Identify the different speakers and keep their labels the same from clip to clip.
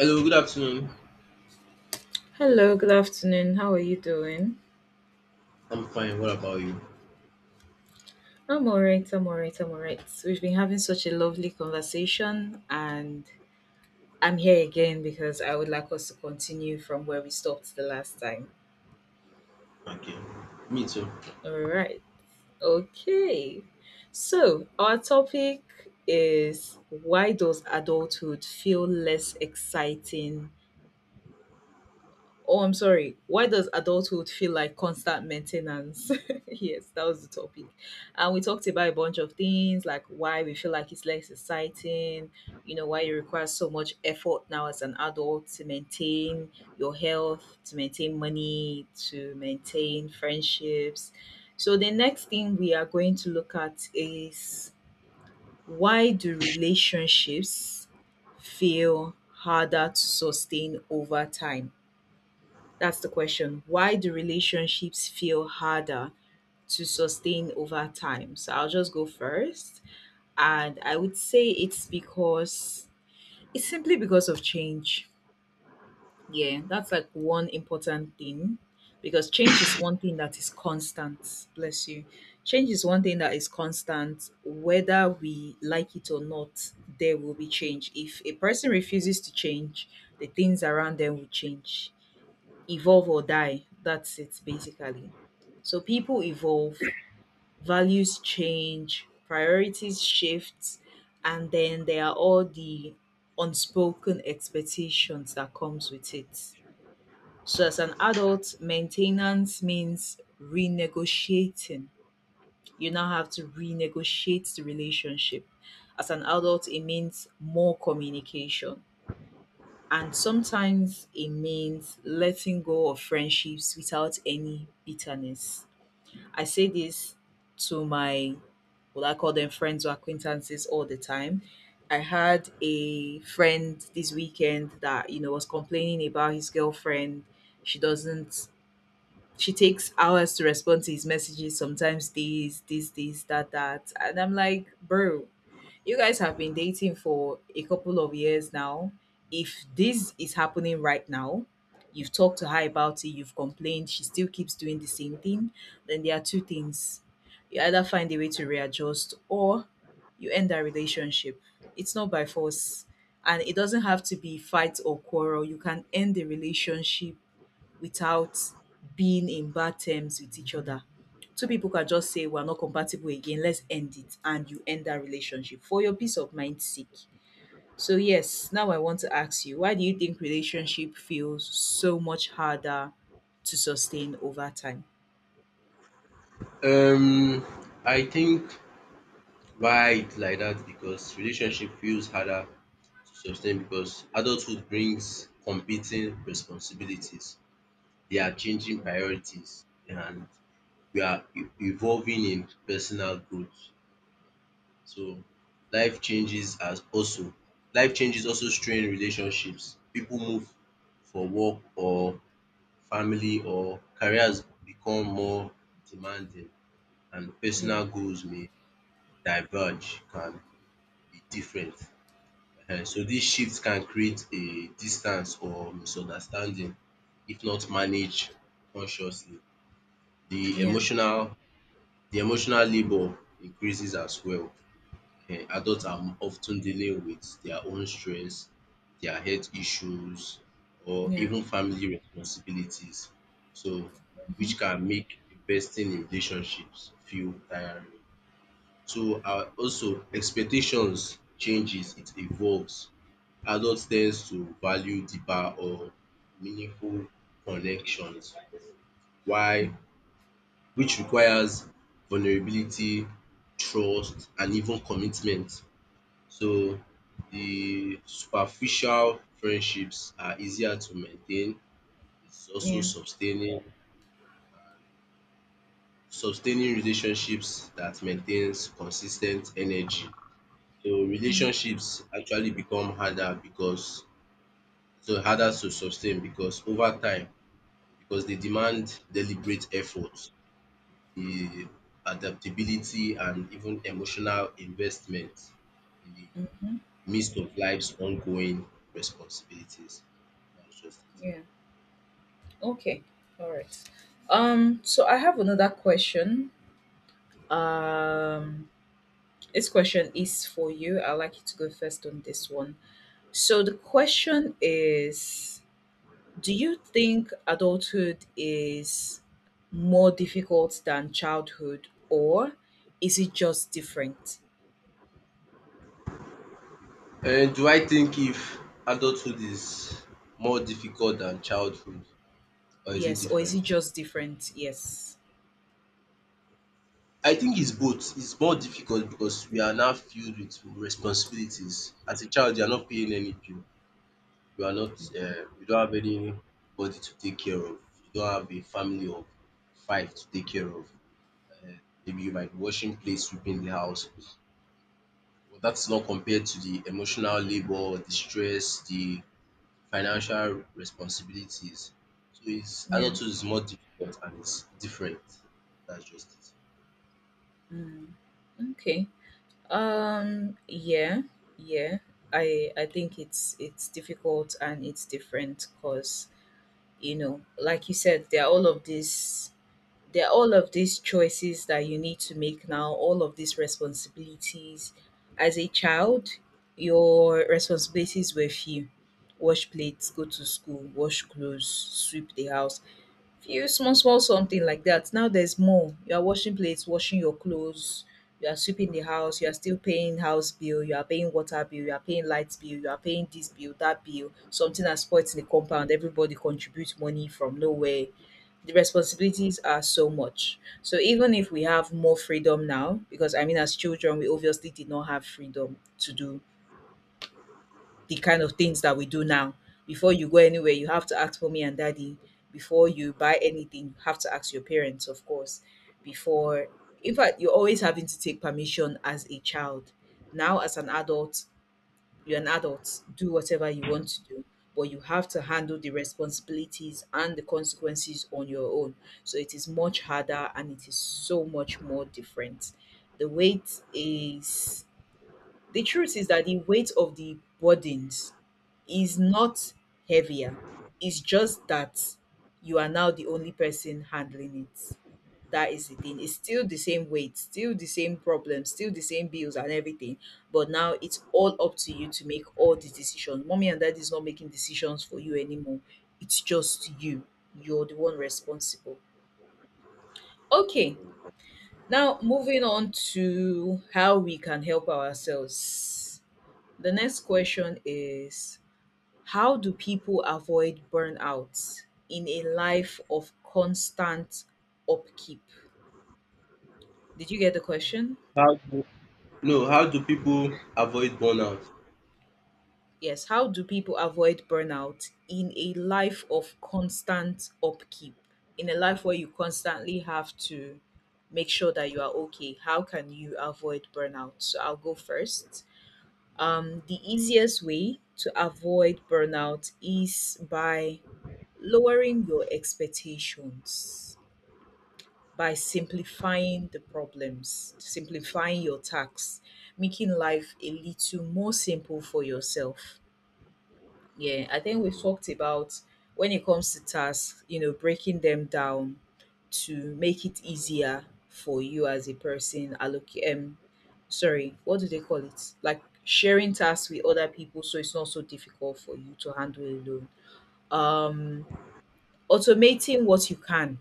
Speaker 1: Hello, good afternoon.
Speaker 2: Hello, good afternoon. How are you doing?
Speaker 1: I'm fine. What about you?
Speaker 2: I'm all right. I'm all right. I'm all right. We've been having such a lovely conversation, and I'm here again because I would like us to continue from where we stopped the last time.
Speaker 1: Okay. Me too.
Speaker 2: All right. Okay. So, our topic is why does adulthood feel less exciting. Oh, I'm sorry. Why does adulthood feel like constant maintenance? Yes, that was the topic. And we talked about a bunch of things like why we feel like it's less exciting, you know, why it requires so much effort now as an adult to maintain your health, to maintain money, to maintain friendships. So, the next thing we are going to look at is, why do relationships feel harder to sustain over time? That's the question. Why do relationships feel harder to sustain over time? So I'll just go first. And I would say it's because it's simply because of change. Yeah, that's like one important thing because change is one thing that is constant. Bless you. Change is one thing that is constant. Whether we like it or not, there will be change. If a person refuses to change, the things around them will change, evolve, or die. That's it, basically. So people evolve, values change, priorities shift, and then there are all the unspoken expectations that comes with it. So as an adult, maintenance means renegotiating. You now have to renegotiate the relationship. As an adult, it means more communication, and sometimes it means letting go of friendships without any bitterness. I say this to my, what I call them, friends or acquaintances all the time. I had a friend this weekend that, you know, was complaining about his girlfriend. She doesn't she takes hours to respond to his messages, sometimes this, this, this, that, that. And I'm like, bro, you guys have been dating for a couple of years now. If this is happening right now, you've talked to her about it, you've complained, she still keeps doing the same thing, then there are two things. You either find a way to readjust, or you end that relationship. It's not by force. And it doesn't have to be fight or quarrel. You can end the relationship without being in bad terms with each other. Two people can just say we're not compatible again, let's end it, and you end that relationship for your peace of mind's sake. So yes, now I want to ask you, why do you think relationship feels so much harder to sustain over time?
Speaker 1: Um, I think why it's like that because relationship feels harder to sustain because adulthood brings competing responsibilities. They are changing priorities and we are evolving in personal growth. So life changes as also life changes also strain relationships. People move for work or family or careers become more demanding and
Speaker 2: Yeah,
Speaker 1: personal goals may diverge, can be different. So dis shift can create a distance or misunderstanding if not managed consciously. The
Speaker 2: yeah,
Speaker 1: emotional the emotional labour increases as well. Adults are often dealing with their own stress, their health issues or
Speaker 2: yeah.
Speaker 1: even family responsibilities. So
Speaker 2: Mm-hmm.
Speaker 1: which can make investing in relationships feel tiring. So also expectations changes, it evolves. Adult tends to value deeper or meaningful connections. Why?
Speaker 2: Mm,
Speaker 1: Which requires vulnerability, trust and even commitment. So the superficial friendships are easier to maintain. It's also
Speaker 2: yeah,
Speaker 1: sustaining Sustaining relationships that maintains consistent energy. So
Speaker 2: mm,
Speaker 1: relationships actually become harder because so harder to sustain because over time because they demand deliberate effort, the adaptability and even emotional investment in the
Speaker 2: mm-hmm.
Speaker 1: midst of life's ongoing responsibilities. That's just
Speaker 2: Yeah. Okay, all right. So I have another question. Um, This question is for you. I'd like you to go first on this one. So the question is, do you think adulthood is more difficult than childhood, or is it just different?
Speaker 1: it. Do I think if adulthood is more difficult than childhood or is it
Speaker 2: Yes, or is
Speaker 1: different?
Speaker 2: it just different? Yes.
Speaker 1: I think it's both. It's more difficult because we are now filled with responsibilities. As a child you are not paying any bill, you are not you don't have anybody to take care of, you don't have a family of five to take care of. um Maybe you might be washing plates, sweeping the house. But that's not compared to the emotional labor, the stress, the financial responsibilities. So it's
Speaker 2: Yeah.
Speaker 1: adulthood is more difficult and it's different. That's just it.
Speaker 2: Mm, okay. Yeah. Yeah. I think it's difficult and it's different, cuz, you know, like you said, there are all of these there are all of these choices that you need to make now, all of these responsibilities. As a child, your responsibilities were few: wash plates, go to school, wash clothes, sweep the house. Few small small something like that. Now there's more. You are washing plates, washing your clothes, you are sweeping the house, you are still paying house bill, you are paying water bill, you are paying light bill, you are paying this bill, that bill, something has spoilt in the compound, everybody contributes money from nowhere. The responsibilities are so much, so even if we have more freedom now, because I mean, as children, we obviously did not have freedom to do the kind of things that we do now. Before you go anywhere, you have to ask mommy and daddy. Before you buy anything, you have to ask your parents, of course. Before, in fact, you're always having to take permission as a child. Now, as an adult, you're an adult, do whatever you want to do, but you have to handle the responsibilities and the consequences on your own. So it is much harder, and it is so much more different. The weight is the truth is that the weight of the burdens is not heavier. It's just that you are now the only person handling it. That is the thing. It's still the same weight, still the same problems, still the same bills and everything. But now it's all up to you to make all the decisions. Mommy and daddy is not making decisions for you anymore. It's just you. You're the one responsible. Okay, now moving on to how we can help ourselves. The next question is, how do people avoid burnout in a life of constant upkeep? Did you get the question?
Speaker 1: How do, no, how do people avoid burnout?
Speaker 2: Yes. How do people avoid burnout in a life of constant upkeep? In a life where you constantly have to make sure that you are okay, how can you avoid burnout? So I'll go first. The easiest way to avoid burnout is by lowering your expectations, by simplifying the problems, simplifying your tasks, making life a little more simple for yourself. Yeah, I think we've talked about, when it comes to tasks, you know, breaking them down to make it easier for you as a person. Allocate, sorry, what do they call it? Like sharing tasks with other people, so it's not so difficult for you to handle alone. Um, Automating what you can,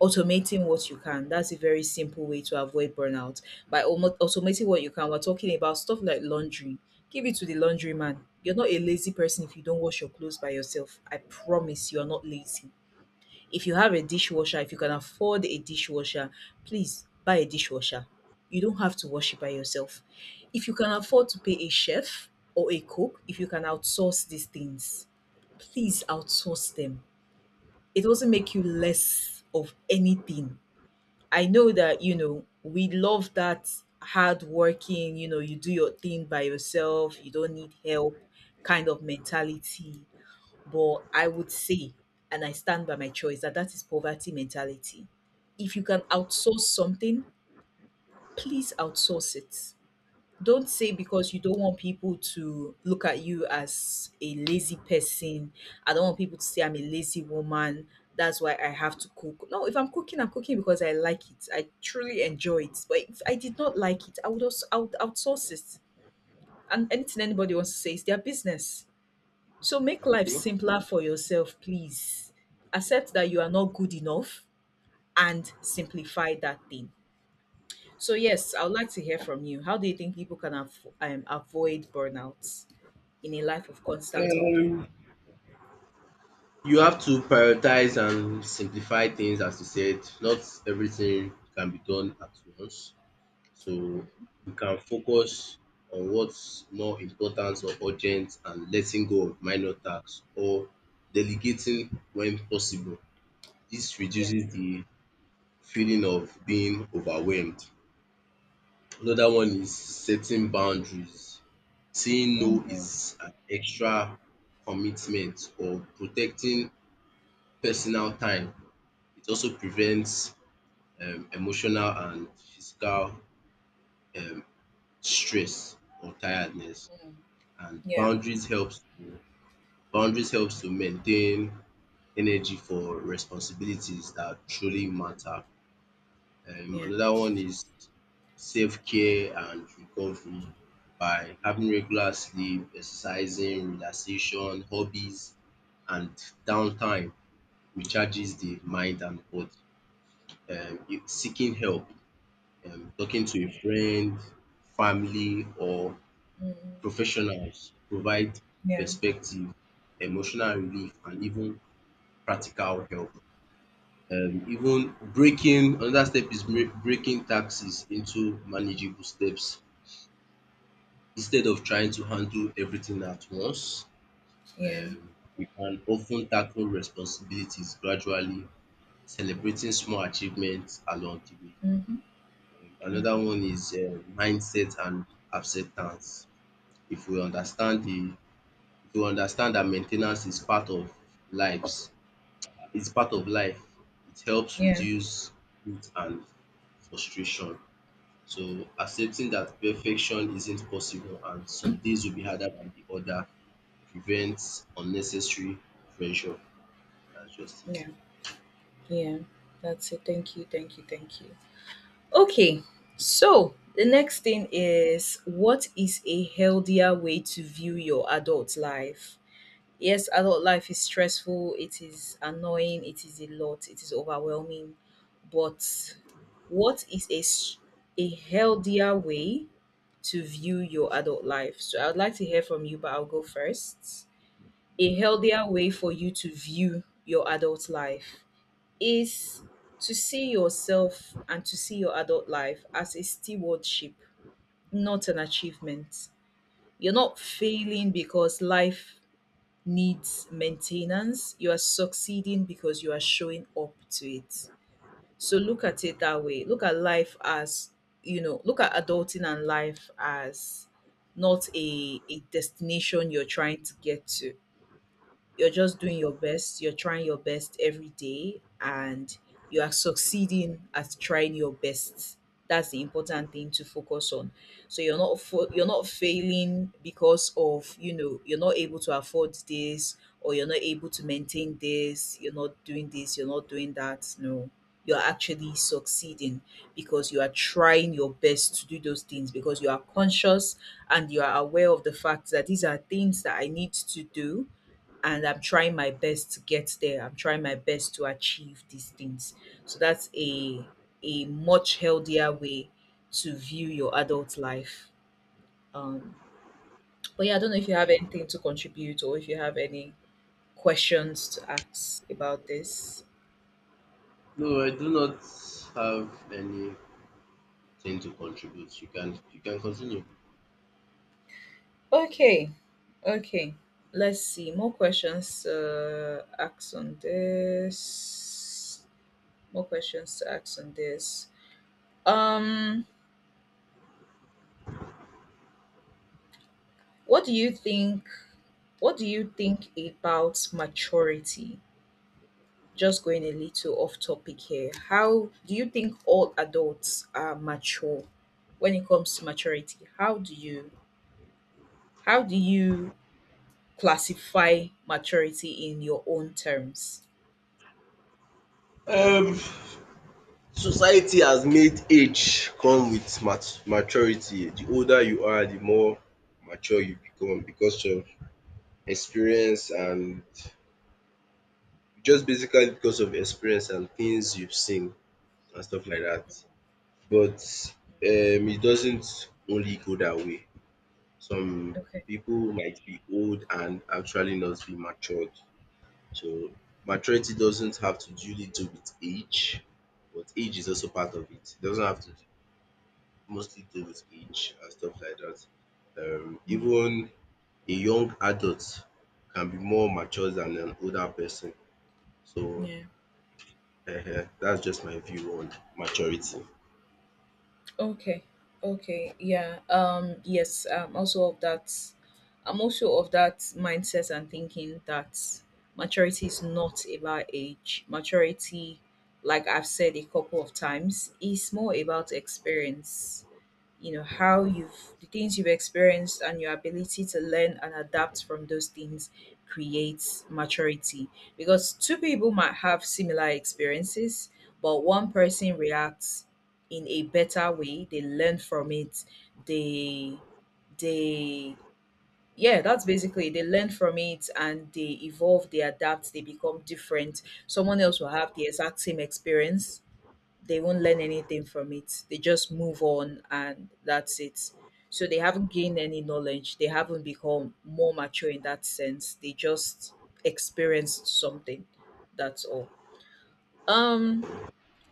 Speaker 2: automating what you can. That's a very simple way to avoid burnout. By almost automating what you can, we're talking about stuff like laundry. Give it to the laundry man. You're not a lazy person if you don't wash your clothes by yourself. I promise you are not lazy. If you have a dishwasher, if you can afford a dishwasher, please buy a dishwasher. You don't have to wash it by yourself. If you can afford to pay a chef or a cook, if you can outsource these things, please outsource them. It doesn't make you less of anything. I know that, you know, we love that hard working, you know, you do your thing by yourself, you don't need help kind of mentality. But I would say, and I stand by my choice, that that is poverty mentality. If you can outsource something, please outsource it. Don't say because you don't want people to look at you as a lazy person. I don't want people to say I'm a lazy woman. That's why I have to cook. No, if I'm cooking, I'm cooking because I like it. I truly enjoy it. But if I did not like it, I would also, I would outsource it. And anything anybody wants to say is their business. So make life
Speaker 1: Okay.
Speaker 2: simpler for yourself, please. Accept that you are not good enough and simplify that thing. So yes, I would like to hear from you. How do you think people can avoid burnout in a life of constant up?
Speaker 1: Um, you have to prioritize and simplify things, as you said. Not everything can be done at once. So we can focus on what's more important or urgent and letting go of minor tasks or delegating when possible. This
Speaker 2: Yeah.
Speaker 1: reduces the feeling of being overwhelmed. Another one is setting boundaries. Saying no
Speaker 2: Mhm.
Speaker 1: is an extra commitment or protecting personal time. It also prevents emotional and physical um stress or tiredness. And
Speaker 2: Yeah.
Speaker 1: boundaries helps to Boundaries helps to maintain energy for responsibilities that truly matter. Um,
Speaker 2: Yeah.
Speaker 1: another one is self care and recovery by having regular sleep, exercising, relaxation, hobbies and downtime recharges the mind and body. Seeking help, talking to a friend, family or
Speaker 2: Mhm.
Speaker 1: professionals provide
Speaker 2: Yeah.
Speaker 1: perspective, emotional relief and even practical help. Even breaking another step is break breaking taxes into manageable steps. Instead of trying to handle everything at once,
Speaker 2: Yeah.
Speaker 1: um we can often tackle responsibilities gradually, celebrating small achievements along the way.
Speaker 2: Mm-hmm.
Speaker 1: Another
Speaker 2: Mm-hmm.
Speaker 1: one is mindset and acceptance. If we understand the To understand that main ten ance is part of lives is part of life. It helps
Speaker 2: Yeah.
Speaker 1: reduce guilt and frustration. So accepting that perfection isn't possible and some days will be harder than the other prevents unnecessary pressure. That's just it.
Speaker 2: Yeah. Yeah. That's it. Thank you. Thank you. Thank you. Okay. So the next thing is, what is a healthier way to view your adult life? Yes, adult life is stressful, it is annoying, it is a lot, it is overwhelming. But what is a healthier way to view your adult life? So I would like to hear from you, but I'll go first. A healthier way for you to view your adult life is to see yourself and to see your adult life as a stewardship, not an achievement. You're not failing because life needs maintenance, you are succeeding because you are showing up to it. So look at it that way. Look at life as, you know, look at adulting and life as not a destination you're trying to get to. You're just doing your best, you're trying your best every day, and you are succeeding at trying your best. That's the important thing to focus on. So you're not failing because of, you know, you're not able to afford this, or you're not able to maintain this, you're not doing this, you're not doing that. No, you're actually succeeding because you are trying your best to do those things, because you are conscious and you are aware of the fact that these are things that I need to do, and I'm trying my best to get there. I'm trying my best to achieve these things. So that's a much healthier way to view your adult life. Um, but yeah, I don't know if you have anything to contribute, or if you have any questions to ask about this.
Speaker 1: No, I do not have anything to contribute. You can continue.
Speaker 2: Okay, okay. Let's see more questions asked on this. More questions to ask on this. Um, what do you think What do you think about maturity? Just going a little off topic here. How do you think all adults are mature when it comes to maturity? How do you classify maturity in your own terms?
Speaker 1: Um, Society has made age come with maturity. The older you are, the more mature you become because of experience and just basically because of experience and things you've seen and stuff like that. But it doesn't only go that way. Some
Speaker 2: Okay.
Speaker 1: people might be old and actually not be matured. So maturity doesn't have to do little with age, but age is also part of it. It doesn't have to do mostly do with age and stuff like that.
Speaker 2: Mm.
Speaker 1: Even a young adult can be more mature than an older person. So
Speaker 2: Yeah.
Speaker 1: um that's just my view on maturity.
Speaker 2: Okay. Okay. Yeah. Yes, I'm also of that I'm also of that mindset and thinking that maturity is not about age. Maturity, like I've said a couple of times, is more about experience, you know, how you've the things you've experienced and your ability to learn and adapt from those things creates maturity, because two people might have similar experiences but one person reacts in a better way, they learn from it, they they yeah that's basically they learn from it and they evolve, they adapt, they become different. Someone else will have the exact same experience, they won't learn anything from it. They just move on and that's it. So they haven't gained any knowledge. They haven't become more mature in that sense. They just experienced something. That's all. Um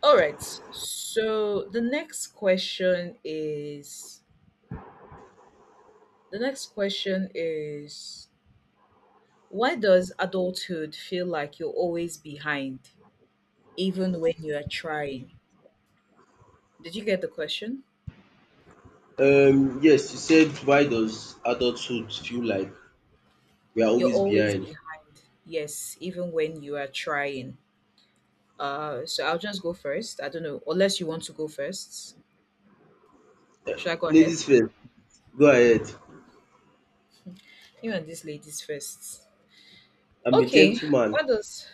Speaker 2: all right. So the next question is the next question is why does adulthood feel like you're always behind even when you are trying? Did you get the question?
Speaker 1: Yes, you said why does adulthood feel like we are
Speaker 2: You're
Speaker 1: always
Speaker 2: always
Speaker 1: behind?
Speaker 2: behind. Yes, even when you are trying. So I'll just go first. I don't know, unless you want to go first. Should I go ahead?
Speaker 1: Ladies first, go ahead.
Speaker 2: You and these ladies first.
Speaker 1: I'm a
Speaker 2: Okay.
Speaker 1: gentleman.
Speaker 2: Why does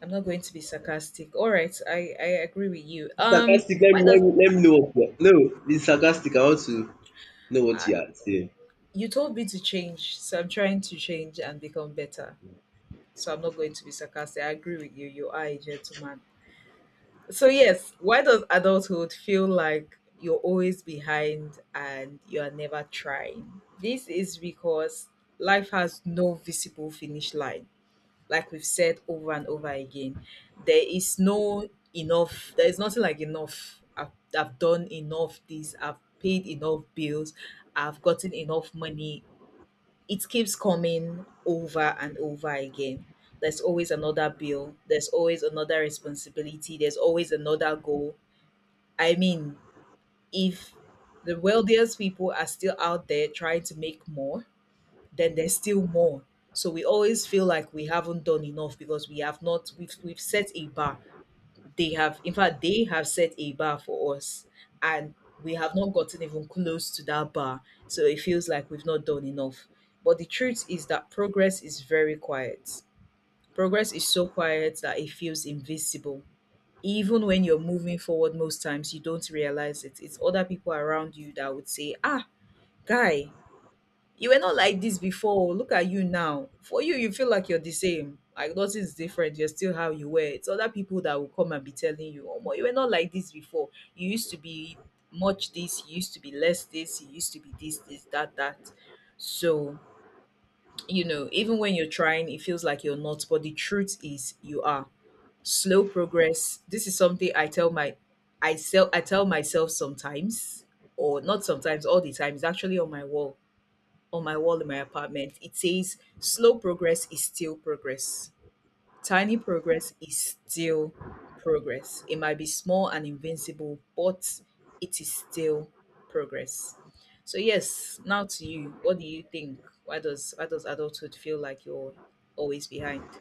Speaker 2: I'm not going to be sarcastic. All right, I agree with you.
Speaker 1: Sarcastic, let
Speaker 2: Why
Speaker 1: me, let
Speaker 2: does
Speaker 1: me, let me know what you are. No, be sarcastic. I want to know what you are saying.
Speaker 2: you told me to change, so I'm trying to change and become better. So I'm not going to be sarcastic. I agree with you. You are a gentleman. So yes, why does adulthood feel like you're always behind and you are never trying? This is because life has no visible finish line. Like we've said over and over again, there is no enough. There is nothing like enough. I've done enough this. I've paid enough bills. I've gotten enough money, it keeps coming over and over again. There's always another bill, there's always another responsibility, there's always another goal. I mean, if the wealthiest people are still out there trying to make more, then there's still more. So we always feel like we haven't done enough because we have not we've we've set a bar. They have, in fact, they have set a bar for us, and we have not gotten even close to that bar. So it feels like we've not done enough. But the truth is that progress is very quiet. Progress is so quiet that it feels invisible. Even when you're moving forward, most times you don't realize it. It's other people around you that would say, "Ah, guy, you were not like this before. Look at you now." For you, you feel like you're the same. Like nothing's different. You're still how you were. It's other people that will come and be telling you, "Oh, you were not like this before. You used to be much this, you used to be less this, you used to be this, this, that, that." So, you know, even when you're trying, it feels like you're not. But the truth is, you are. Slow progress, this is something I tell my I sell I tell myself sometimes, or not sometimes, all the time. It's actually on my wall, on my wall in my apartment. It says, "Slow progress is still progress. Tiny progress is still progress. It might be small and invincible, but it is still progress." So yes, now to you. What do you think? Why does adulthood feel like you're always behind?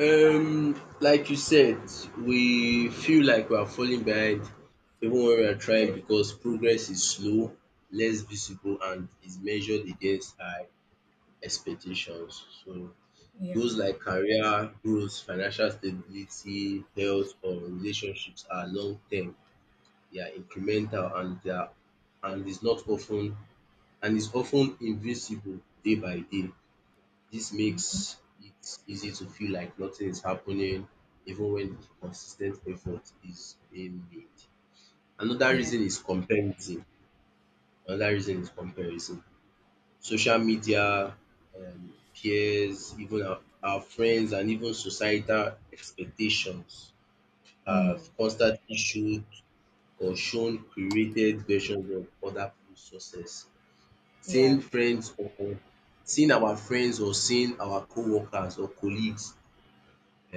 Speaker 1: Like you said, we feel like we are falling behind even when we are trying because progress is slow, less visible, and is measured against our expectations. So,
Speaker 2: Yeah.
Speaker 1: goals like career growth, financial stability, health, or relationships are long term, they are incremental, and they are and is not often and is often invisible day by day. This
Speaker 2: Hmm.
Speaker 1: makes it easy to feel like nothing is happening even when consistent effort is being made. Another
Speaker 2: Yeah.
Speaker 1: reason is comparison. Another reason is comparison. Social media, peers, even our friends, and even societal expectations
Speaker 2: Mm.
Speaker 1: have constantly showed or shown curated versions of other people's success.
Speaker 2: Yeah.
Speaker 1: Seeing friends or Seeing our friends or seeing our co-workers or colleagues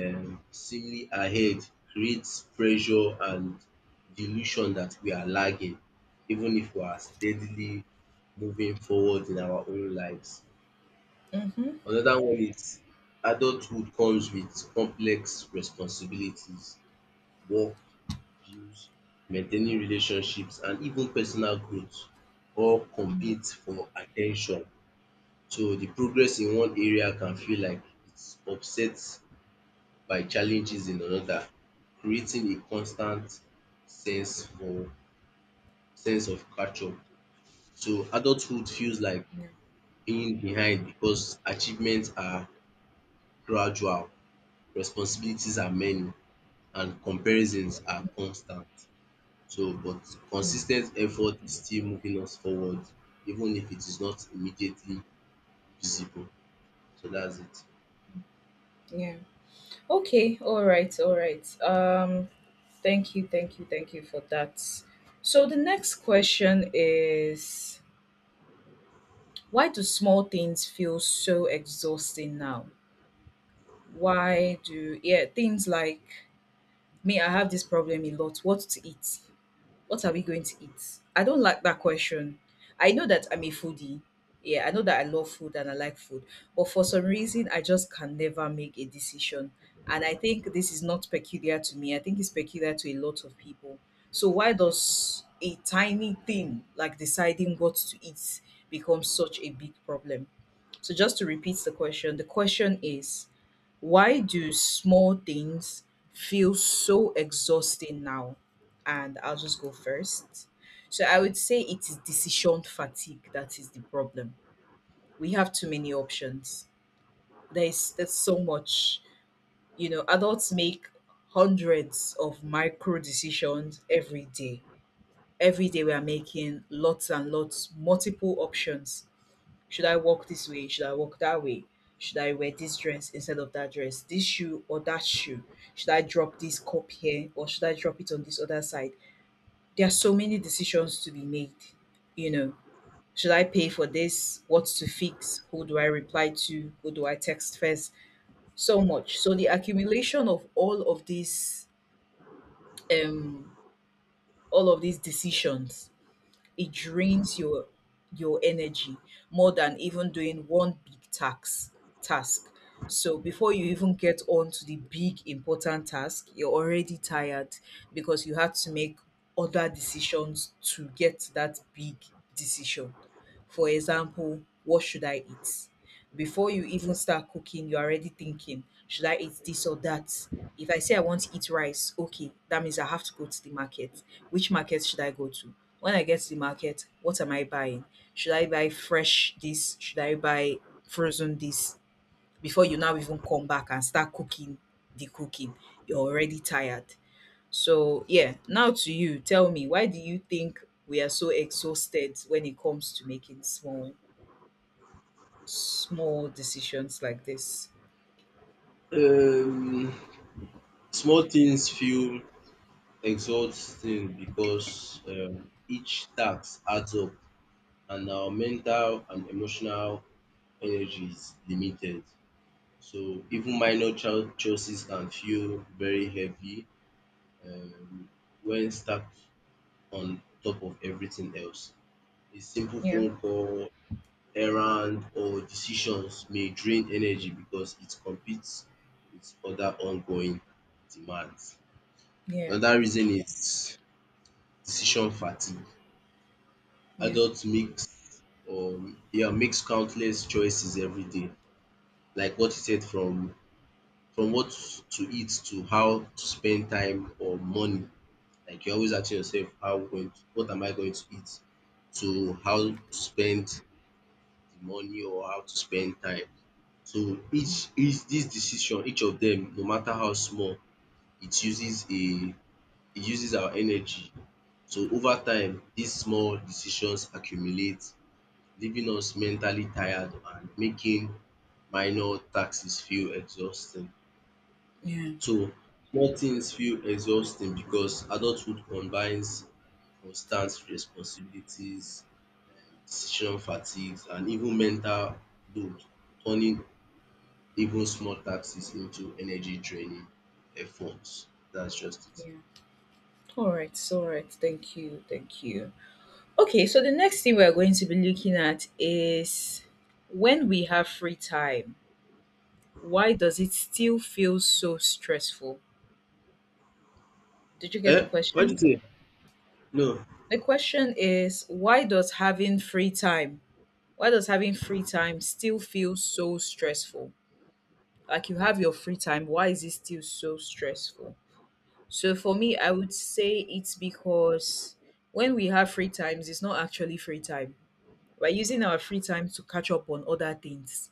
Speaker 1: seemingly ahead creates pressure and the illusion that we are lagging even if we are steadily moving forward in our own lives.
Speaker 2: Mm-hmm.
Speaker 1: Another one is adulthood comes with complex responsibilities, work, bills, maintaining relationships and even personal growth all
Speaker 2: Yeah.
Speaker 1: compete for attention. So the progress in one area can feel like it's upsets by challenges in another, creating a constant sense for sense of catch up. So adulthood feels like
Speaker 2: Yeah.
Speaker 1: being behind because achievements are gradual, responsibilities are many, and comparisons are constant. So but
Speaker 2: Mm.
Speaker 1: consistent effort is still moving us forward even if it is not immediately visible. So that's
Speaker 2: Yeah. Okay, all right, all right. Thank you, thank you, thank you for that. So the next question is why do small things feel so exhausting now? Why do yeah, things like me, I have this problem a lot, what to eat? What are we going to eat? I don't like that question. I know that I'm a foodie. Yeah, I know that I love food and I like food. But for some reason, I just can never make a decision. And I think this is not peculiar to me. I think it's peculiar to a lot of people. So why does a tiny thing like deciding what to eat become such a big problem? So just to repeat the question is why do small things feel so exhausting now, and I'll just go first. So I would say it is decision fatigue that is the problem. We have too many options. There's so much. You know, adults make hundreds of micro decisions every day. Every day we are making lots and lots, multiple options. Should I walk this way? Should I walk that way? Should I wear this dress instead of that dress? This shoe or that shoe? Should I drop this cup here or should I drop it on this other side? There are so many decisions to be made. You know, should I pay for this? What's to fix? Who do I reply to? Who do I text first? So much. So the accumulation of um, all of these decisions, it drains your energy more than even doing one big tax task. So before you even get on to the big important task, you're already tired because you had to make other decisions to get to that big decision. For example, what should I eat? Before you even start cooking, you're already thinking, should I eat this or that? If I say I want to eat rice, okay, that means I have to go to the market. Which market should I go to? When I get to the market, what am I buying? Should I buy fresh this? Should I buy frozen this? Before you now even come back and start cooking the cooking, you're already tired. So, yeah, now to you, tell me, why do you think we are so exhausted when it comes to making small decisions like this?
Speaker 1: it. Small things feel exhausting because each task adds up and our mental and emotional energy is limited. So even minor choices can feel very heavy um, when stacked on top of everything else. A simple
Speaker 2: Yeah,
Speaker 1: phone call, errand, or decisions may drain energy because it competes with other ongoing demands.
Speaker 2: yeah,
Speaker 1: Another reason is decision fatigue.
Speaker 2: yeah,
Speaker 1: Adults makes yeah makes countless choices every day like what you said from what to eat to how to spend time or money. Like you're always asking yourself what am I going to eat, to how to spend the money or how to spend time. So each this decision, each of them, no matter how small, it uses a it uses our energy. So over time these small decisions accumulate, leaving us mentally tired and making minor taxes feel exhausting.
Speaker 2: yeah,
Speaker 1: So small things feel exhausting because adulthood combines constant responsibilities, decision fatigues and even mental load, turning even small taxes into energy draining efforts. That's just
Speaker 2: yeah. All right, all right. Thank you, thank you. Okay, so the next thing we're going to be looking at is when we have free time, why does it still feel so stressful? Did you get the
Speaker 1: it. Eh, what do
Speaker 2: question?
Speaker 1: you say? No,
Speaker 2: The question is, why does having free time still feel so stressful? Like you have your free time, why is it still so stressful? So for me, I would say it's because when we have free times, it's not actually free time. We're using our free time to catch up on other things.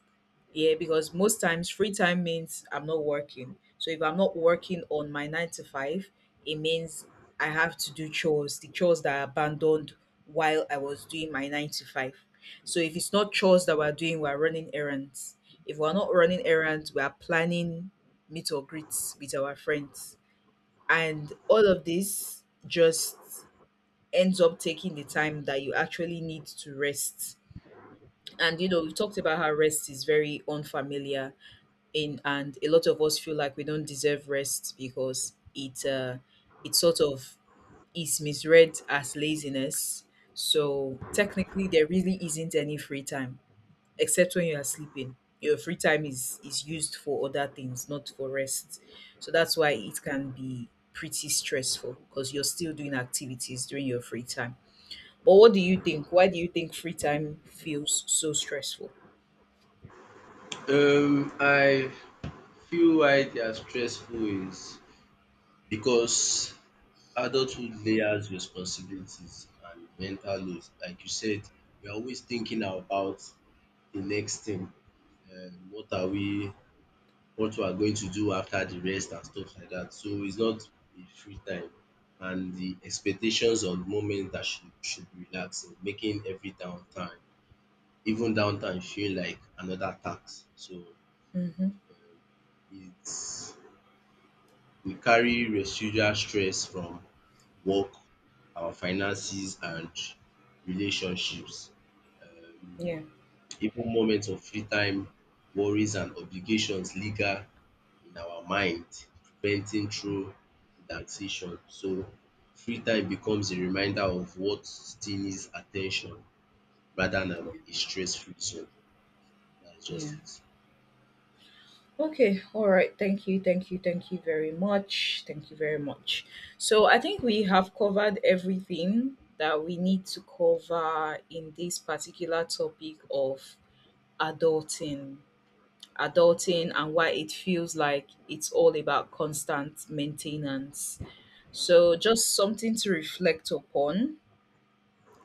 Speaker 2: Yeah, because most times free time means I'm not working. So if I'm not working on my 9 to 5, it means I have to do chores, the chores that I abandoned while I was doing my 9 to 5. So if it's not chores that we're doing, we're running errands. If we're not running errands, we are planning meet or greets with our friends, and all of this just ends up taking the time that you actually need to rest. And you know, we talked about how rest is very unfamiliar, in and a lot of us feel like we don't deserve rest because it it sort of is misread as laziness. So technically there really isn't any free time except when you are sleeping. Your free time is used for other things, not for rest. So that's why it can be pretty stressful because you're still doing activities during your free time. But what do you think? Why do you think free time feels so stressful?
Speaker 1: I feel why they are stressful is because adulthood layers responsibilities and mental load. Like you said, we are always thinking about the next thing. Um, what are we, what we are going to do after the rest and stuff like that. So it's not a free time. And the expectations of the moment that should be relaxing, making every downtime, even downtime, feel like another tax. So
Speaker 2: Mhm.
Speaker 1: it's we carry residual stress from work, our finances and relationships. Um,
Speaker 2: Yeah.
Speaker 1: even moments of free time, worries and obligations linger in our mind, preventing
Speaker 2: Mm.
Speaker 1: true relaxation. So free time becomes a reminder of what still needs attention rather
Speaker 2: Yeah.
Speaker 1: than a stress-free zone. That's
Speaker 2: Yeah.
Speaker 1: just it.
Speaker 2: Okay, all right. Thank you, thank you, thank you very much. Thank you very much. So, I think we have covered everything that we need to cover in this particular topic of adulting, adulting, and why it feels like it's all about constant maintenance. So, just something to reflect upon.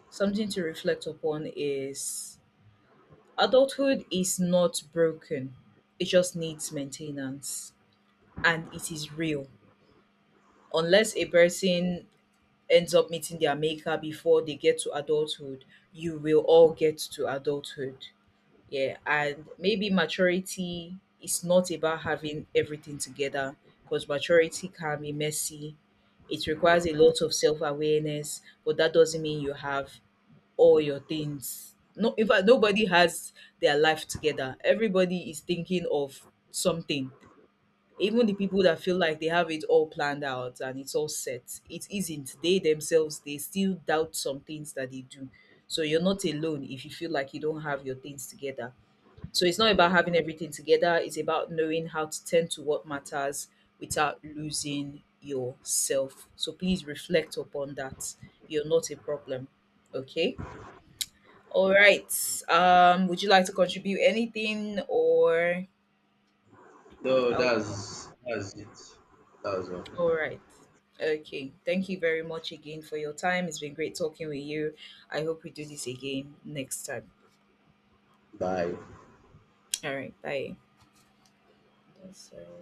Speaker 2: Something to reflect upon is adulthood is not broken, it just needs maintenance, and it is real. Unless a person ends up meeting their maker before they get to adulthood, you will all get to adulthood. Yeah. And maybe maturity is not about having everything together, because maturity can be messy. It requires a lot of self awareness, but that doesn't mean you have all your things. No, in fact, nobody has their life together. Everybody is thinking of something. Even the people that feel like they have it all planned out and it's all set, it isn't. They themselves, they still doubt some things that they do. So you're not alone if you feel like you don't have your things together. So it's not about
Speaker 1: Yeah.
Speaker 2: having everything together, it's about knowing how to tend to what matters without losing yourself. So please reflect upon that. You're not a problem. Okay? All right. Would you like to contribute anything, or
Speaker 1: No,
Speaker 2: are
Speaker 1: that's it. That's all.
Speaker 2: All right. Okay. Thank you very much again for your time. It's been great talking with you. I hope we do this again next time.
Speaker 1: Bye.
Speaker 2: All right. Bye. Yes, sir.